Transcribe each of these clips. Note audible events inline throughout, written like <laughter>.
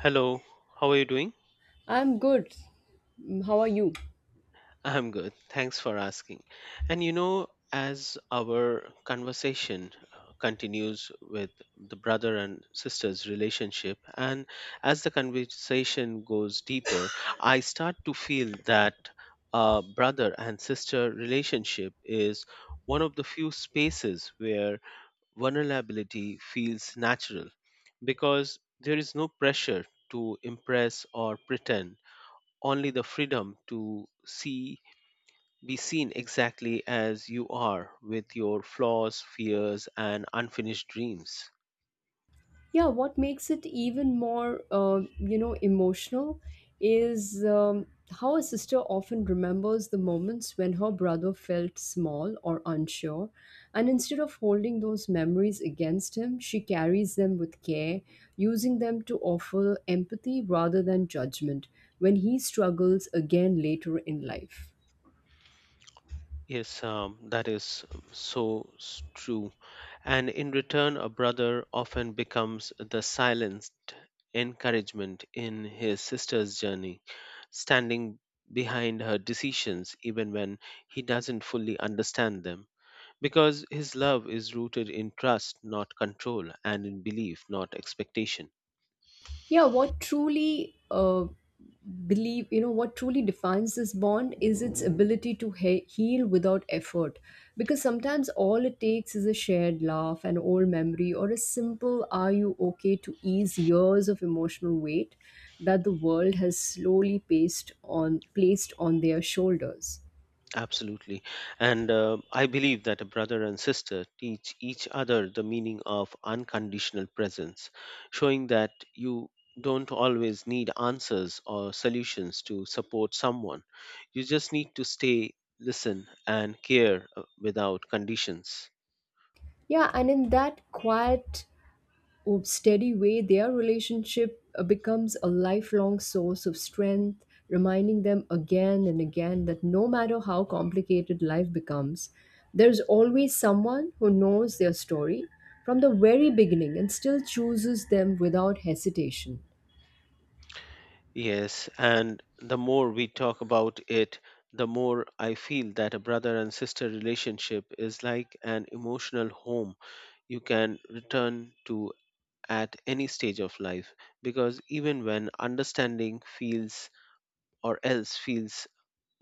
Hello, how are you doing? I'm good. Mm, how are you? I'm good. Thanks for asking. And you know, as our conversation continues with the brother and sister's relationship, and as the conversation goes deeper, I start to feel that brother and sister relationship is one of the few spaces where vulnerability feels natural because there is no pressure to impress or pretend, only the freedom to see, be seen exactly as you are with your flaws, fears, and unfinished dreams. Yeah, what makes it even more, emotional is how a sister often remembers the moments when her brother felt small or unsure. And instead of holding those memories against him, she carries them with care, using them to offer empathy rather than judgment when he struggles again later in life. Yes, that is so true. And in return, a brother often becomes the silent encouragement in his sister's journey, standing behind her decisions even when he doesn't fully understand them, because his love is rooted in trust, not control, and in belief, not expectation. Yeah what truly believe you know what truly defines this bond is its ability to heal without effort, because sometimes all it takes is a shared laugh, an old memory, or a simple "are you okay" to ease years of emotional weight that the world has slowly placed on their shoulders. Absolutely. And I believe that a brother and sister teach each other the meaning of unconditional presence, showing that you don't always need answers or solutions to support someone. You just need to stay, listen, and care without conditions. Yeah, and in that quiet or steady way, their relationship becomes a lifelong source of strength, reminding them again and again that no matter how complicated life becomes, there's always someone who knows their story from the very beginning and still chooses them without hesitation. Yes, and the more we talk about it, the more I feel that a brother and sister relationship is like an emotional home you can return to at any stage of life, because even when understanding feels, or else feels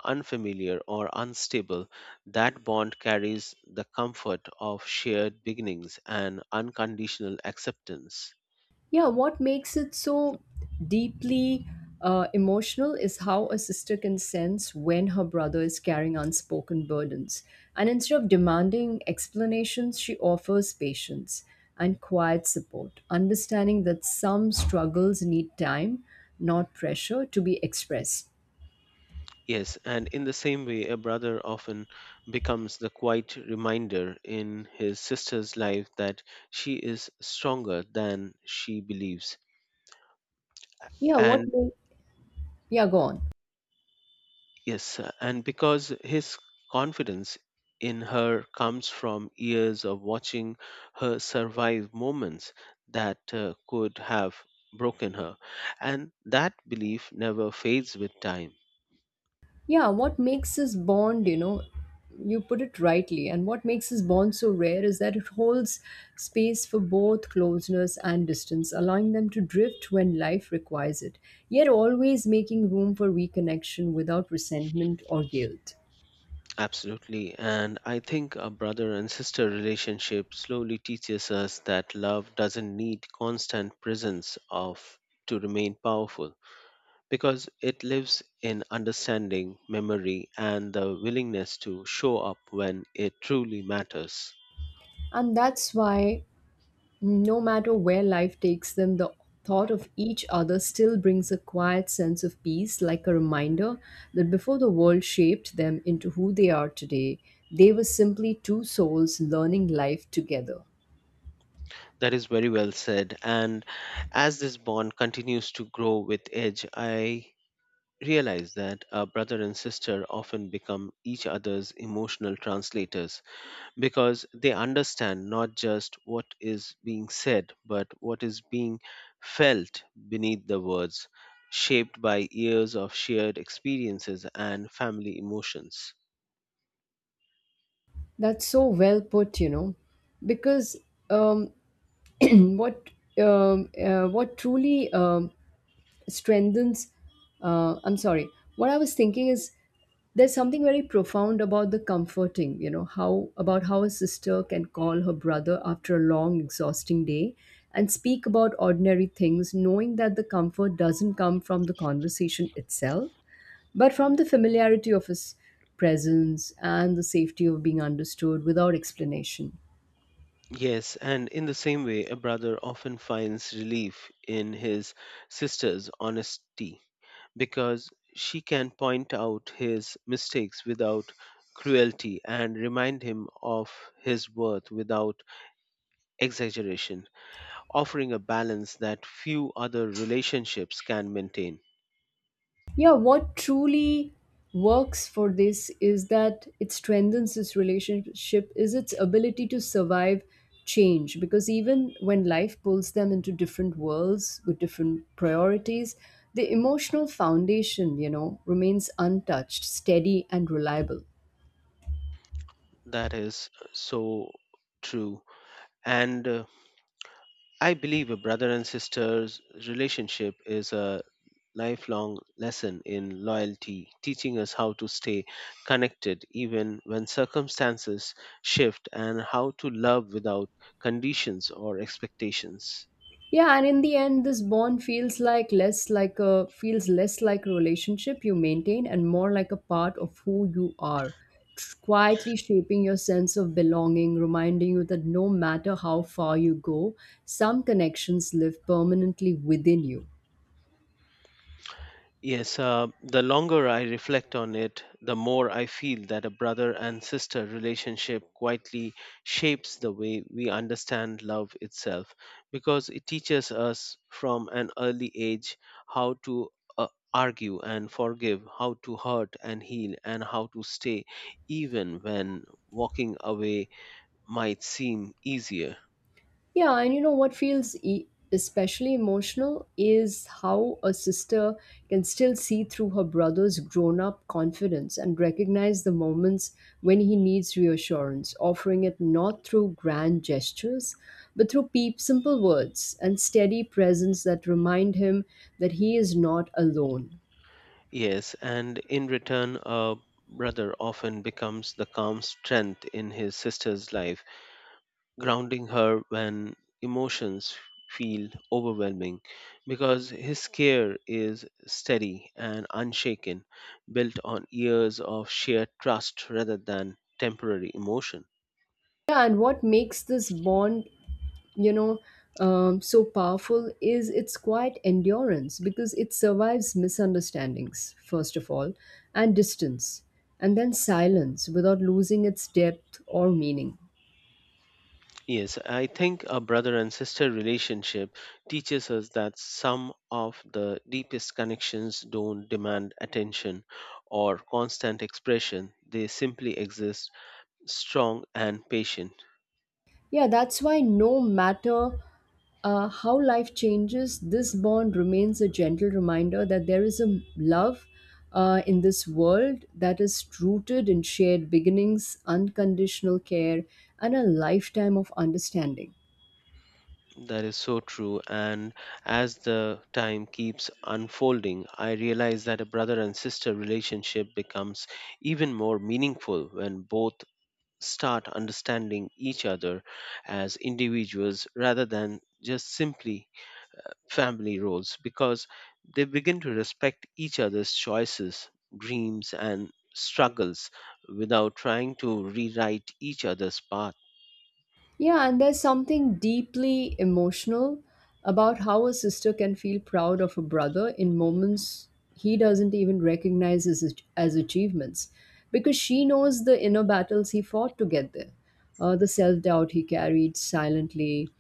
unfamiliar or unstable, that bond carries the comfort of shared beginnings and unconditional acceptance. Yeah, what makes it so deeply emotional is how a sister can sense when her brother is carrying unspoken burdens. And instead of demanding explanations, she offers patience and quiet support, understanding that some struggles need time, not pressure, to be expressed. Yes, and in the same way, a brother often becomes the quiet reminder in his sister's life that she is stronger than she believes. Yeah, what? And ma- Yeah, go on. yes, and because his confidence in her comes from years of watching her survive moments that could have broken her, and that belief never fades with time. Yeah, what makes this bond, you know, you put it rightly, and what makes this bond so rare is that it holds space for both closeness and distance, allowing them to drift when life requires it, yet always making room for reconnection without resentment or guilt. Absolutely. And I think a brother and sister relationship slowly teaches us that love doesn't need constant presence of to remain powerful, because it lives in understanding, memory, and the willingness to show up when it truly matters. And that's why, no matter where life takes them, the thought of each other still brings a quiet sense of peace, like a reminder that before the world shaped them into who they are today, they were simply two souls learning life together. That is very well said. And as this bond continues to grow with age, I realize that a brother and sister often become each other's emotional translators because they understand not just what is being said, but what is being felt beneath the words, shaped by years of shared experiences and family emotions. That's so well put, you know, because um, <clears throat> what what truly strengthens I'm sorry what I was thinking is there's something very profound about the comforting, you know, how a sister can call her brother after a long exhausting day and speak about ordinary things, knowing that the comfort doesn't come from the conversation itself, but from the familiarity of his presence and the safety of being understood without explanation. Yes, and in the same way, a brother often finds relief in his sister's honesty because she can point out his mistakes without cruelty and remind him of his worth without exaggeration, offering a balance that few other relationships can maintain. Yeah, what truly works for this is that it strengthens this relationship is its ability to survive change, because even when life pulls them into different worlds with different priorities, the emotional foundation, you know, remains untouched, steady, and reliable. That is so true. And I believe a brother and sister's relationship is a lifelong lesson in loyalty, teaching us how to stay connected even when circumstances shift and how to love without conditions or expectations. Yeah, and in the end, this bond feels like less like a feels less like a relationship you maintain and more like a part of who you are, quietly shaping your sense of belonging, reminding you that no matter how far you go, some connections live permanently within you. Yes, the longer I reflect on it, the more I feel that a brother and sister relationship quietly shapes the way we understand love itself, because it teaches us from an early age how to uh, argue and forgive, how to hurt and heal, and how to stay even when walking away might seem easier. Yeah, and you know what feels especially emotional is how a sister can still see through her brother's grown up confidence and recognize the moments when he needs reassurance, offering it not through grand gestures, but through peep simple words and steady presence that remind him that he is not alone. Yes, and in return, a brother often becomes the calm strength in his sister's life, grounding her when emotions feel overwhelming because his care is steady and unshaken, built on years of shared trust rather than temporary emotion. Yeah, and what makes this bond, you know, so powerful is its quiet endurance, because it survives misunderstandings, first of all, and distance, and then silence, without losing its depth or meaning. Yes, I think a brother and sister relationship teaches us that some of the deepest connections don't demand attention or constant expression. They simply exist, strong and patient. Yeah, that's why no matter how life changes, this bond remains a gentle reminder that there is a love, in this world, that is rooted in shared beginnings, unconditional care, and a lifetime of understanding. That is so true. And as the time keeps unfolding, I realize that a brother and sister relationship becomes even more meaningful when both start understanding each other as individuals rather than just simply family roles, because they begin to respect each other's choices, dreams, and struggles without trying to rewrite each other's path. Yeah, and there's something deeply emotional about how a sister can feel proud of a brother in moments he doesn't even recognize as achievements, because she knows the inner battles he fought to get there, the self doubt he carried silently,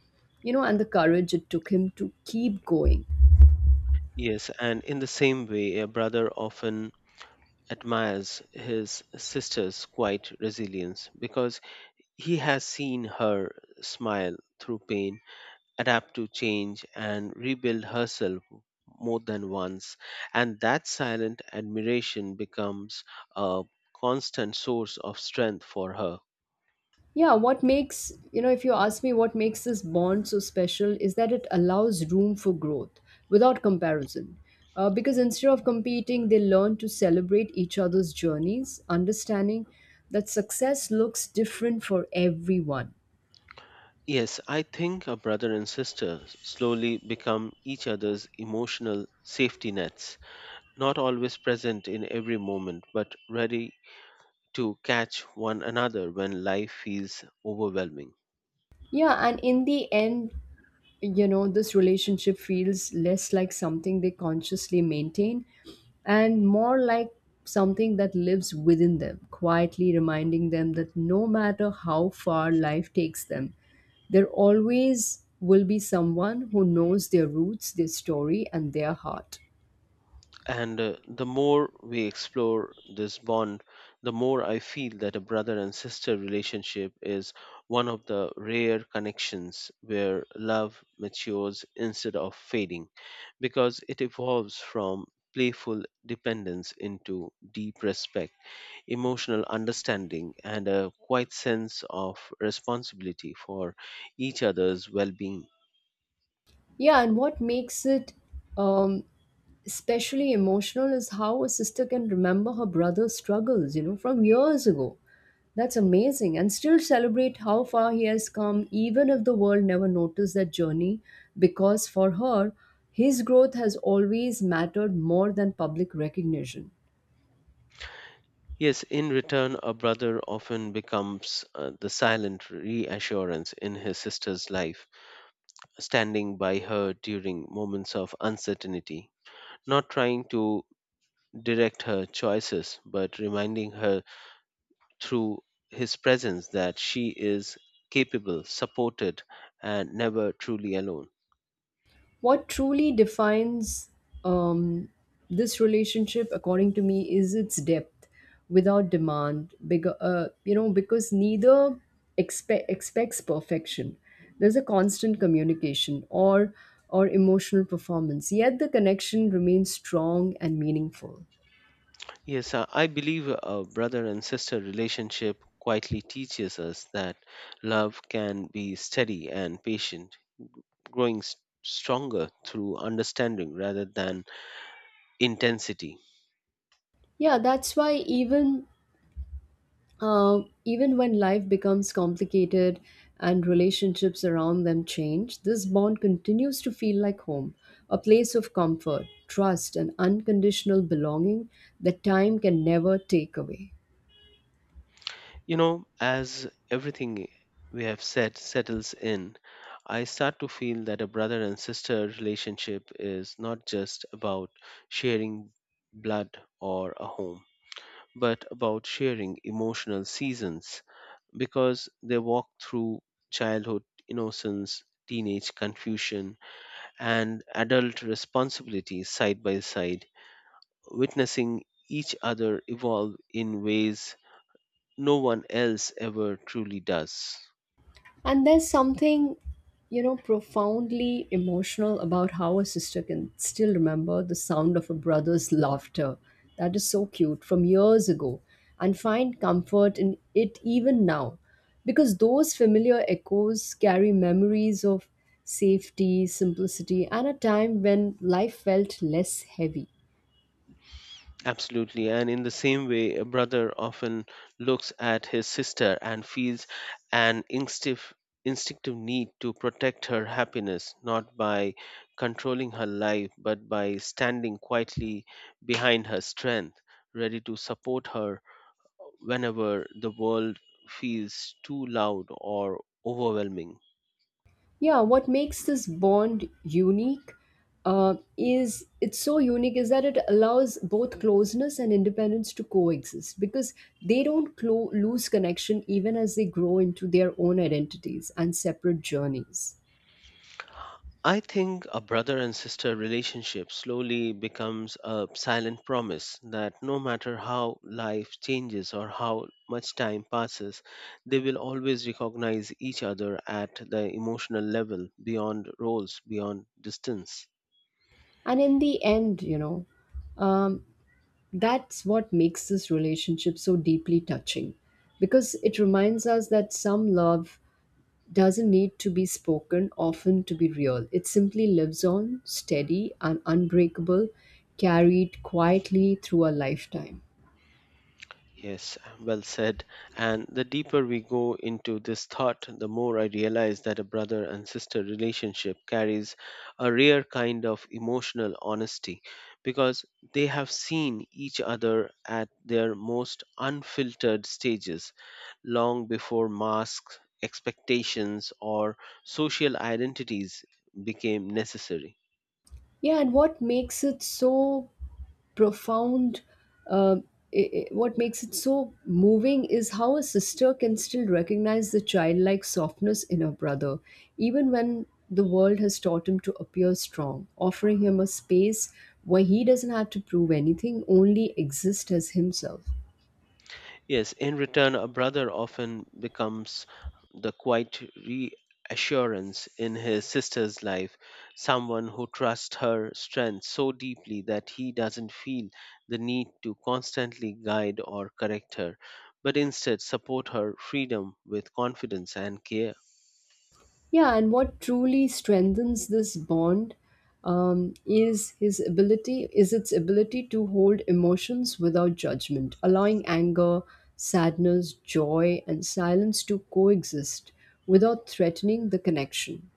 you know, and the courage it took him to keep going. Yes, and in the same way, a brother often admires his sister's quiet resilience because he has seen her smile through pain, adapt to change, and rebuild herself more than once. And that silent admiration becomes a constant source of strength for her. Yeah, what makes, you know, if you ask me, what makes this bond so special is that it allows room for growth without comparison. Because instead of competing, they learn to celebrate each other's journeys, understanding that success looks different for everyone. Yes, I think a brother and sister slowly become each other's emotional safety nets, not always present in every moment, but ready to catch one another when life feels overwhelming. Yeah, and in the end, you know, this relationship feels less like something they consciously maintain and more like something that lives within them, quietly reminding them that no matter how far life takes them, there always will be someone who knows their roots, their story, and their heart. And the more we explore this bond, the more I feel that a brother and sister relationship is one of the rare connections where love matures instead of fading, because it evolves from playful dependence into deep respect, emotional understanding, and a quiet sense of responsibility for each other's well being. Yeah, and what makes it um, especially emotional is how a sister can remember her brother's struggles, you know, from years ago. That's amazing. And still celebrate how far he has come, even if the world never noticed that journey, because for her, his growth has always mattered more than public recognition. Yes, in return, a brother often becomes the silent reassurance in his sister's life, standing by her during moments of uncertainty, not trying to direct her choices, but reminding her through his presence that she is capable, supported, and never truly alone. What truly defines, um, this relationship, according to me, is its depth without demand. Because, you know, because neither expects perfection. There's a constant communication or emotional performance. Yet the connection remains strong and meaningful. Yes, I believe a brother and sister relationship quietly teaches us that love can be steady and patient, growing stronger through understanding rather than intensity. Yeah, that's why even even when life becomes complicated and relationships around them change, this bond continues to feel like home, a place of comfort, trust, and unconditional belonging that time can never take away. You know, as everything we have said settles in, I start to feel that a brother and sister relationship is not just about sharing blood or a home, but about sharing emotional seasons because they walk through childhood innocence, teenage confusion, and adult responsibility side by side, witnessing each other evolve in ways no one else ever truly does. And there's something, you know, profoundly emotional about how a sister can still remember the sound of a brother's laughter. That is so cute, from years ago, and find comfort in it even now, because those familiar echoes carry memories of safety, simplicity, and a time when life felt less heavy. Absolutely. And in the same way, a brother often looks at his sister and feels an instinctive need to protect her happiness, not by controlling her life, but by standing quietly behind her strength, ready to support her whenever the world feels too loud or overwhelming. Yeah, what makes this bond unique is it's so unique is that it allows both closeness and independence to coexist, because they don't lose connection even as they grow into their own identities and separate journeys. I think a brother and sister relationship slowly becomes a silent promise that no matter how life changes or how much time passes, they will always recognize each other at the emotional level, beyond roles, beyond distance. And in the end, you know, um, that's what makes this relationship so deeply touching, because it reminds us that some love doesn't need to be spoken often to be real. It simply lives on, steady and unbreakable, carried quietly through a lifetime. Yes, well said. And the deeper we go into this thought, the more I realize that a brother and sister relationship carries a rare kind of emotional honesty because they have seen each other at their most unfiltered stages long before masks, expectations, or social identities became necessary. Yeah, and what makes it so profound, uh, what makes it so moving is how a sister can still recognize the childlike softness in her brother, even when the world has taught him to appear strong, offering him a space where he doesn't have to prove anything, only exist as himself. Yes, in return, a brother often becomes the quiet reassurance in his sister's life, someone who trusts her strength so deeply that he doesn't feel the need to constantly guide or correct her, but instead support her freedom with confidence and care. Yeah, and what truly strengthens this bond is its ability to hold emotions without judgment, allowing anger, sadness, joy, and silence to coexist without threatening the connection.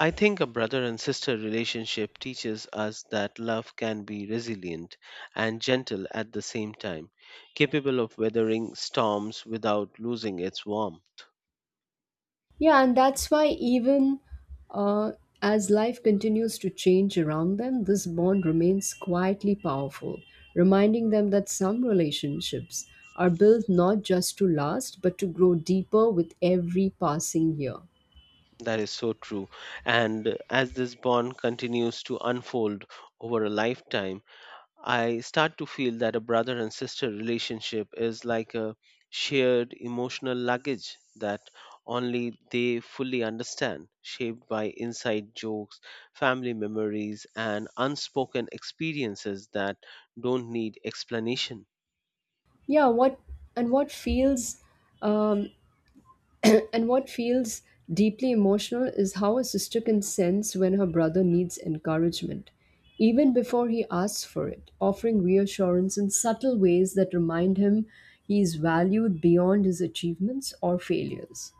I think a brother and sister relationship teaches us that love can be resilient and gentle at the same time, capable of weathering storms without losing its warmth. Yeah, and that's why even uh, as life continues to change around them, this bond remains quietly powerful, reminding them that some relationships are built not just to last, but to grow deeper with every passing year. That is so true. And as this bond continues to unfold over a lifetime, I start to feel that a brother and sister relationship is like a shared emotional luggage that only they fully understand, shaped by inside jokes, family memories, and unspoken experiences that don't need explanation. Yeah, what and what feels um, <clears throat> and what feels deeply emotional is how a sister can sense when her brother needs encouragement, even before he asks for it, offering reassurance in subtle ways that remind him he is valued beyond his achievements or failures.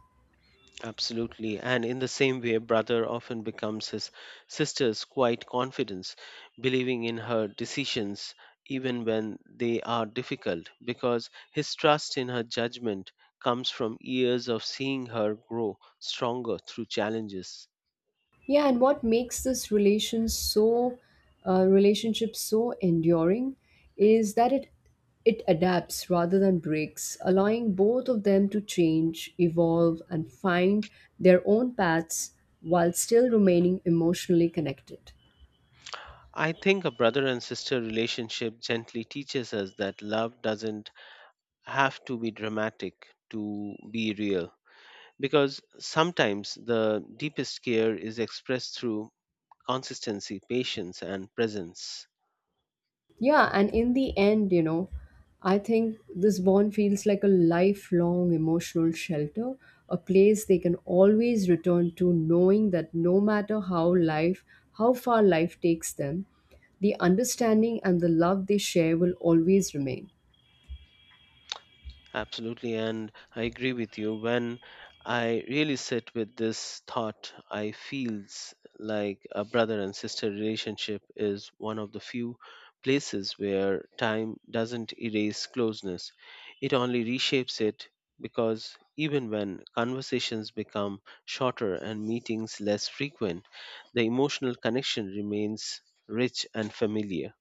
Absolutely. And in the same way, brother often becomes his sister's quiet confidence, believing in her decisions even when they are difficult, because his trust in her judgment comes from years of seeing her grow stronger through challenges. Yeah, and what makes this relationship so enduring is that it adapts rather than breaks, allowing both of them to change, evolve, and find their own paths while still remaining emotionally connected. I think a brother and sister relationship gently teaches us that love doesn't have to be dramatic to be real, because sometimes the deepest care is expressed through consistency, patience, and presence. Yeah, and in the end, you know, I think this bond feels like a lifelong emotional shelter, a place they can always return to, knowing that no matter how far life takes them, the understanding and the love they share will always remain. Absolutely, and I agree with you. When I really sit with this thought, I feels like a brother and sister relationship is one of the few places where time doesn't erase closeness. It only reshapes it, because even when conversations become shorter and meetings less frequent, the emotional connection remains rich and familiar.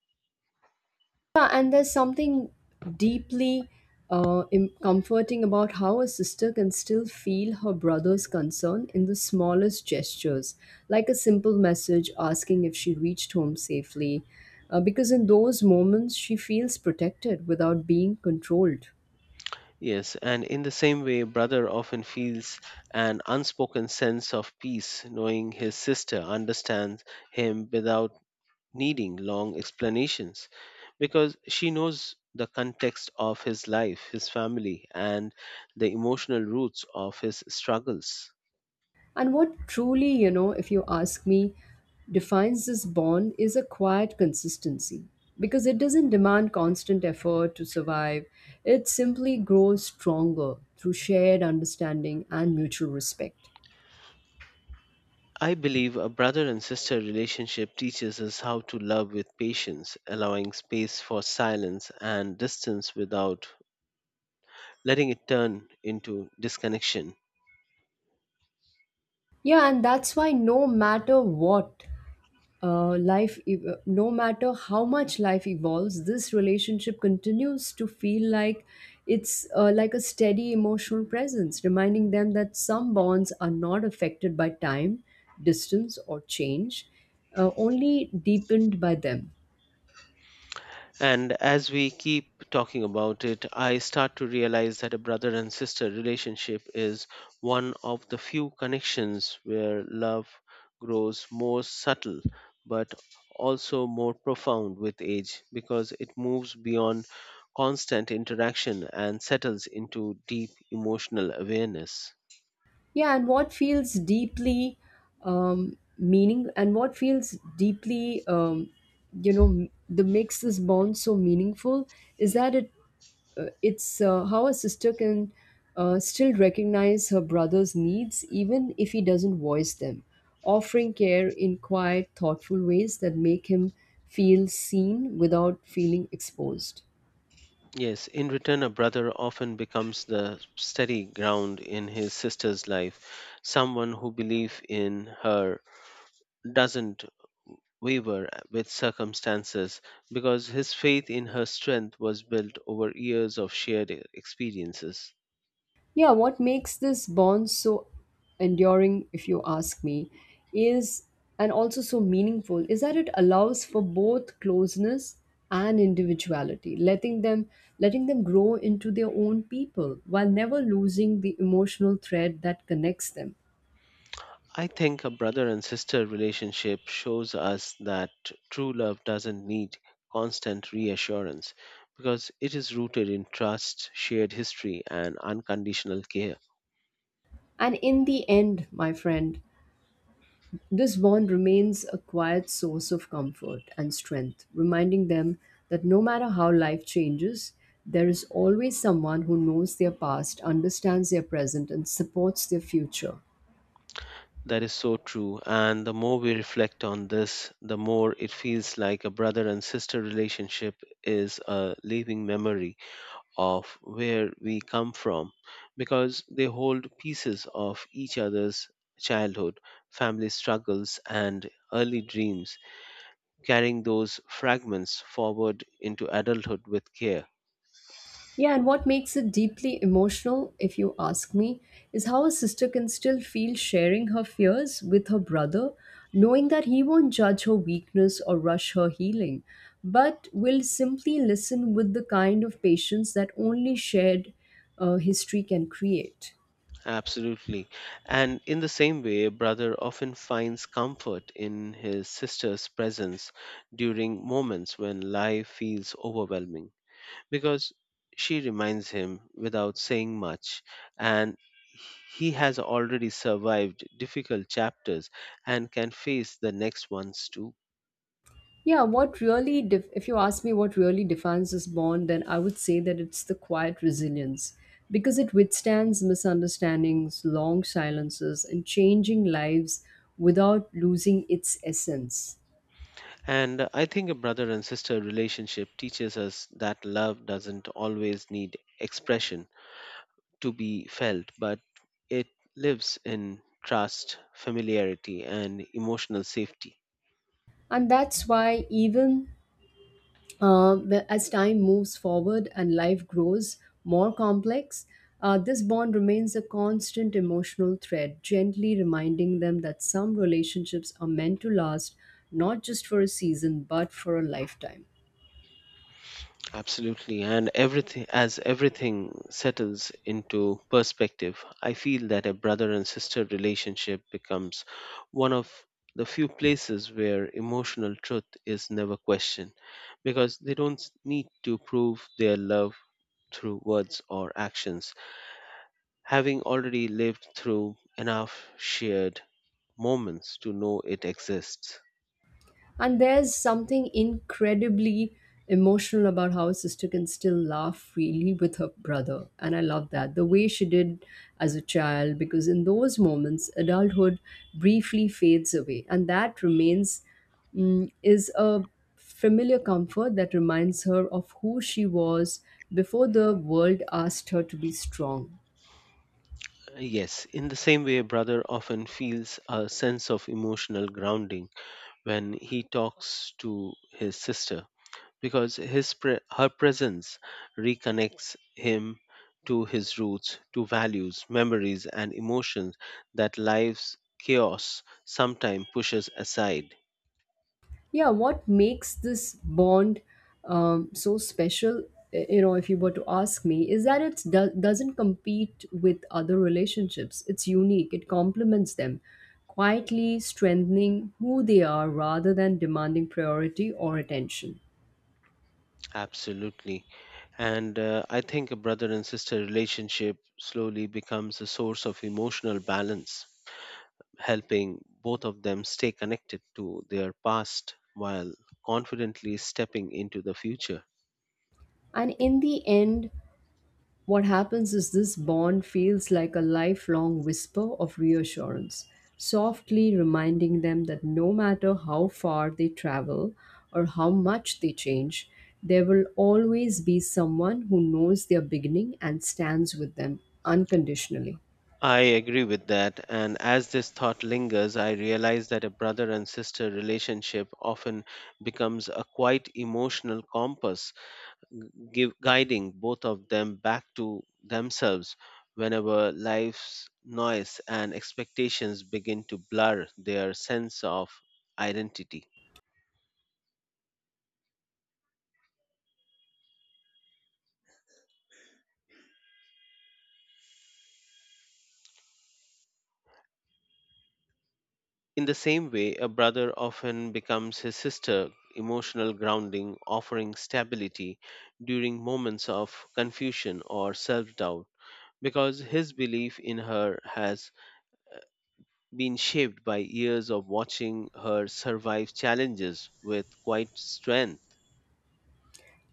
Yeah, and there's something deeply comforting about how a sister can still feel her brother's concern in the smallest gestures, like a simple message asking if she reached home safely, because in those moments she feels protected without being controlled. Yes, and in the same way, brother often feels an unspoken sense of peace knowing his sister understands him without needing long explanations, because she knows the context of his life, his family, and the emotional roots of his struggles. And what truly, you know, if you ask me, defines this bond is a quiet consistency, because it doesn't demand constant effort to survive. It simply grows stronger through shared understanding and mutual respect. I believe a brother and sister relationship teaches us how to love with patience, allowing space for silence and distance without letting it turn into disconnection. Yeah, and that's why, no matter what, no matter how much life evolves, this relationship continues to feel like a steady emotional presence, reminding them that some bonds are not affected by time, distance, or change, only deepened by them. And as we keep talking about it, I start to realize that a brother and sister relationship is one of the few connections where love grows more subtle, but also more profound with age, because it moves beyond constant interaction and settles into deep emotional awareness. Yeah and what feels deeply um, meaning and what feels deeply, that makes this bond so meaningful is that it it's how a sister can still recognize her brother's needs even if he doesn't voice them, offering care in quiet, thoughtful ways that make him feel seen without feeling exposed. Yes, in return, a brother often becomes the steady ground in his sister's life, someone who believes in her doesn't waver with circumstances because his faith in her strength was built over years of shared experiences. Yeah, what makes this bond so enduring, if you ask me, is, and also so meaningful, is that it allows for both closeness and individuality, letting them grow into their own people while never losing the emotional thread that connects them. I think a brother and sister relationship shows us that true love doesn't need constant reassurance because it is rooted in trust, shared history, and unconditional care. And in the end, my friend, this bond remains a quiet source of comfort and strength, reminding them that no matter how life changes, there is always someone who knows their past, understands their present, and supports their future. That is so true. And the more we reflect on this, the more it feels like a brother and sister relationship is a living memory of where we come from because they hold pieces of each other's childhood, family struggles, and early dreams, carrying those fragments forward into adulthood with care. Yeah, and what makes it deeply emotional, if you ask me, is how a sister can still feel sharing her fears with her brother, knowing that he won't judge her weakness or rush her healing, but will simply listen with the kind of patience that only shared, history can create. Absolutely. And in the same way, a brother often finds comfort in his sister's presence during moments when life feels overwhelming, because she reminds him without saying much, and he has already survived difficult chapters and can face the next ones too. Yeah, what really, if you ask me, what really defines this bond, then I would say that it's the quiet resilience, because it withstands misunderstandings, long silences, and changing lives without losing its essence. And I think a brother and sister relationship teaches us that love doesn't always need expression to be felt, but it lives in trust, familiarity, and emotional safety. And that's why even, uh, as time moves forward and life grows more complex, this bond remains a constant emotional thread, gently reminding them that some relationships are meant to last not just for a season but for a lifetime. Absolutely. And everything, as everything settles into perspective, I feel that a brother and sister relationship becomes one of the few places where emotional truth is never questioned, because they don't need to prove their love through words or actions, having already lived through enough shared moments to know it exists. And there's something incredibly emotional about how a sister can still laugh freely with her brother. And I love that. The way she did as a child, because in those moments, adulthood briefly fades away. And that remains, is a familiar comfort that reminds her of who she was before the world asked her to be strong. Yes, in the same way, a brother often feels a sense of emotional grounding when he talks to his sister because her presence reconnects him to his roots, to values, memories, and emotions that life's chaos sometimes pushes aside. Yeah, what makes this bond so special, you know, if you were to ask me, is that it doesn't compete with other relationships. It's unique. It complements them, quietly strengthening who they are rather than demanding priority or attention. Absolutely. And I think a brother and sister relationship slowly becomes a source of emotional balance, helping both of them stay connected to their past while confidently stepping into the future. And in the end, what happens is this bond feels like a lifelong whisper of reassurance, softly reminding them that no matter how far they travel or how much they change, there will always be someone who knows their beginning and stands with them unconditionally. I agree with that. And as this thought lingers, I realize that a brother and sister relationship often becomes a quite emotional compass, guiding both of them back to themselves whenever life's noise and expectations begin to blur their sense of identity. In the same way, a brother often becomes his sister emotional grounding, offering stability during moments of confusion or self doubt, because his belief in her has been shaped by years of watching her survive challenges with quite strength.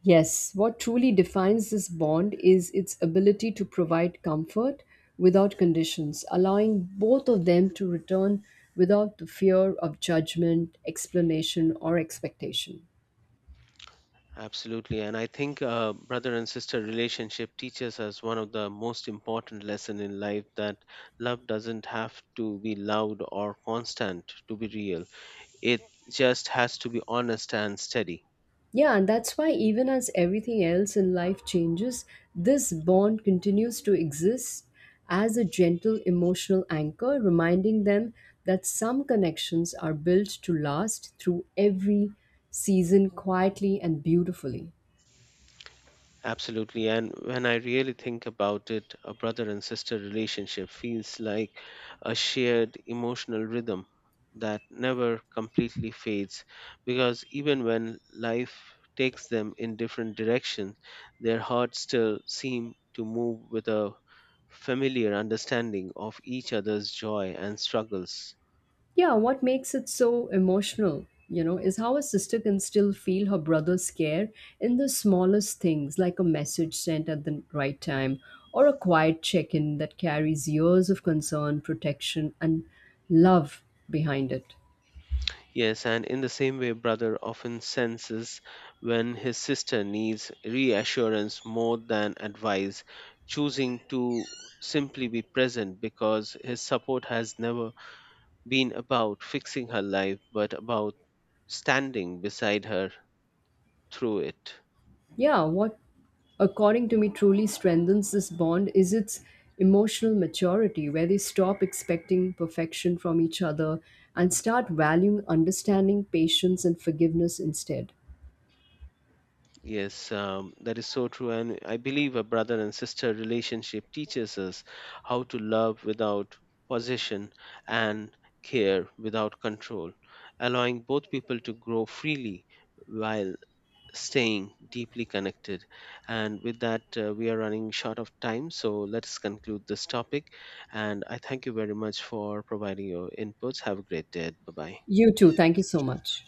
Yes, what truly defines this bond is its ability to provide comfort without conditions, allowing both of them to return without the fear of judgment, explanation, or expectation. Absolutely, and I think brother and sister relationship teaches us one of the most important lesson in life, that love doesn't have to be loud or constant to be real. It just has to be honest and steady. Yeah, and that's why, even as everything else in life changes, this bond continues to exist as a gentle emotional anchor, reminding them that some connections are built to last through every season, quietly and beautifully. Absolutely. And when I really think about it, a brother and sister relationship feels like a shared emotional rhythm that never completely fades, because even when life takes them in different directions, their hearts still seem to move with a familiar understanding of each other's joy and struggles. Yeah, what makes it so emotional, you know, is how a sister can still feel her brother's care in the smallest things, like a message sent at the right time or a quiet check in that carries years of concern, protection, and love behind it. Yes, and in the same way, brother often senses when his sister needs reassurance more than advice, choosing to simply be present because his support has never been about fixing her life but about standing beside her through it. Yeah, what, according to me, truly strengthens this bond is its emotional maturity, where they stop expecting perfection from each other and start valuing understanding, patience, and forgiveness instead. Yes, that is so true. And I believe a brother and sister relationship teaches us how to love without possession and care without control, allowing both people to grow freely while staying deeply connected. And with that, we are running short of time. So let's conclude this topic. And I thank you very much for providing your inputs. Have a great day. Bye bye. You too. Thank you so much.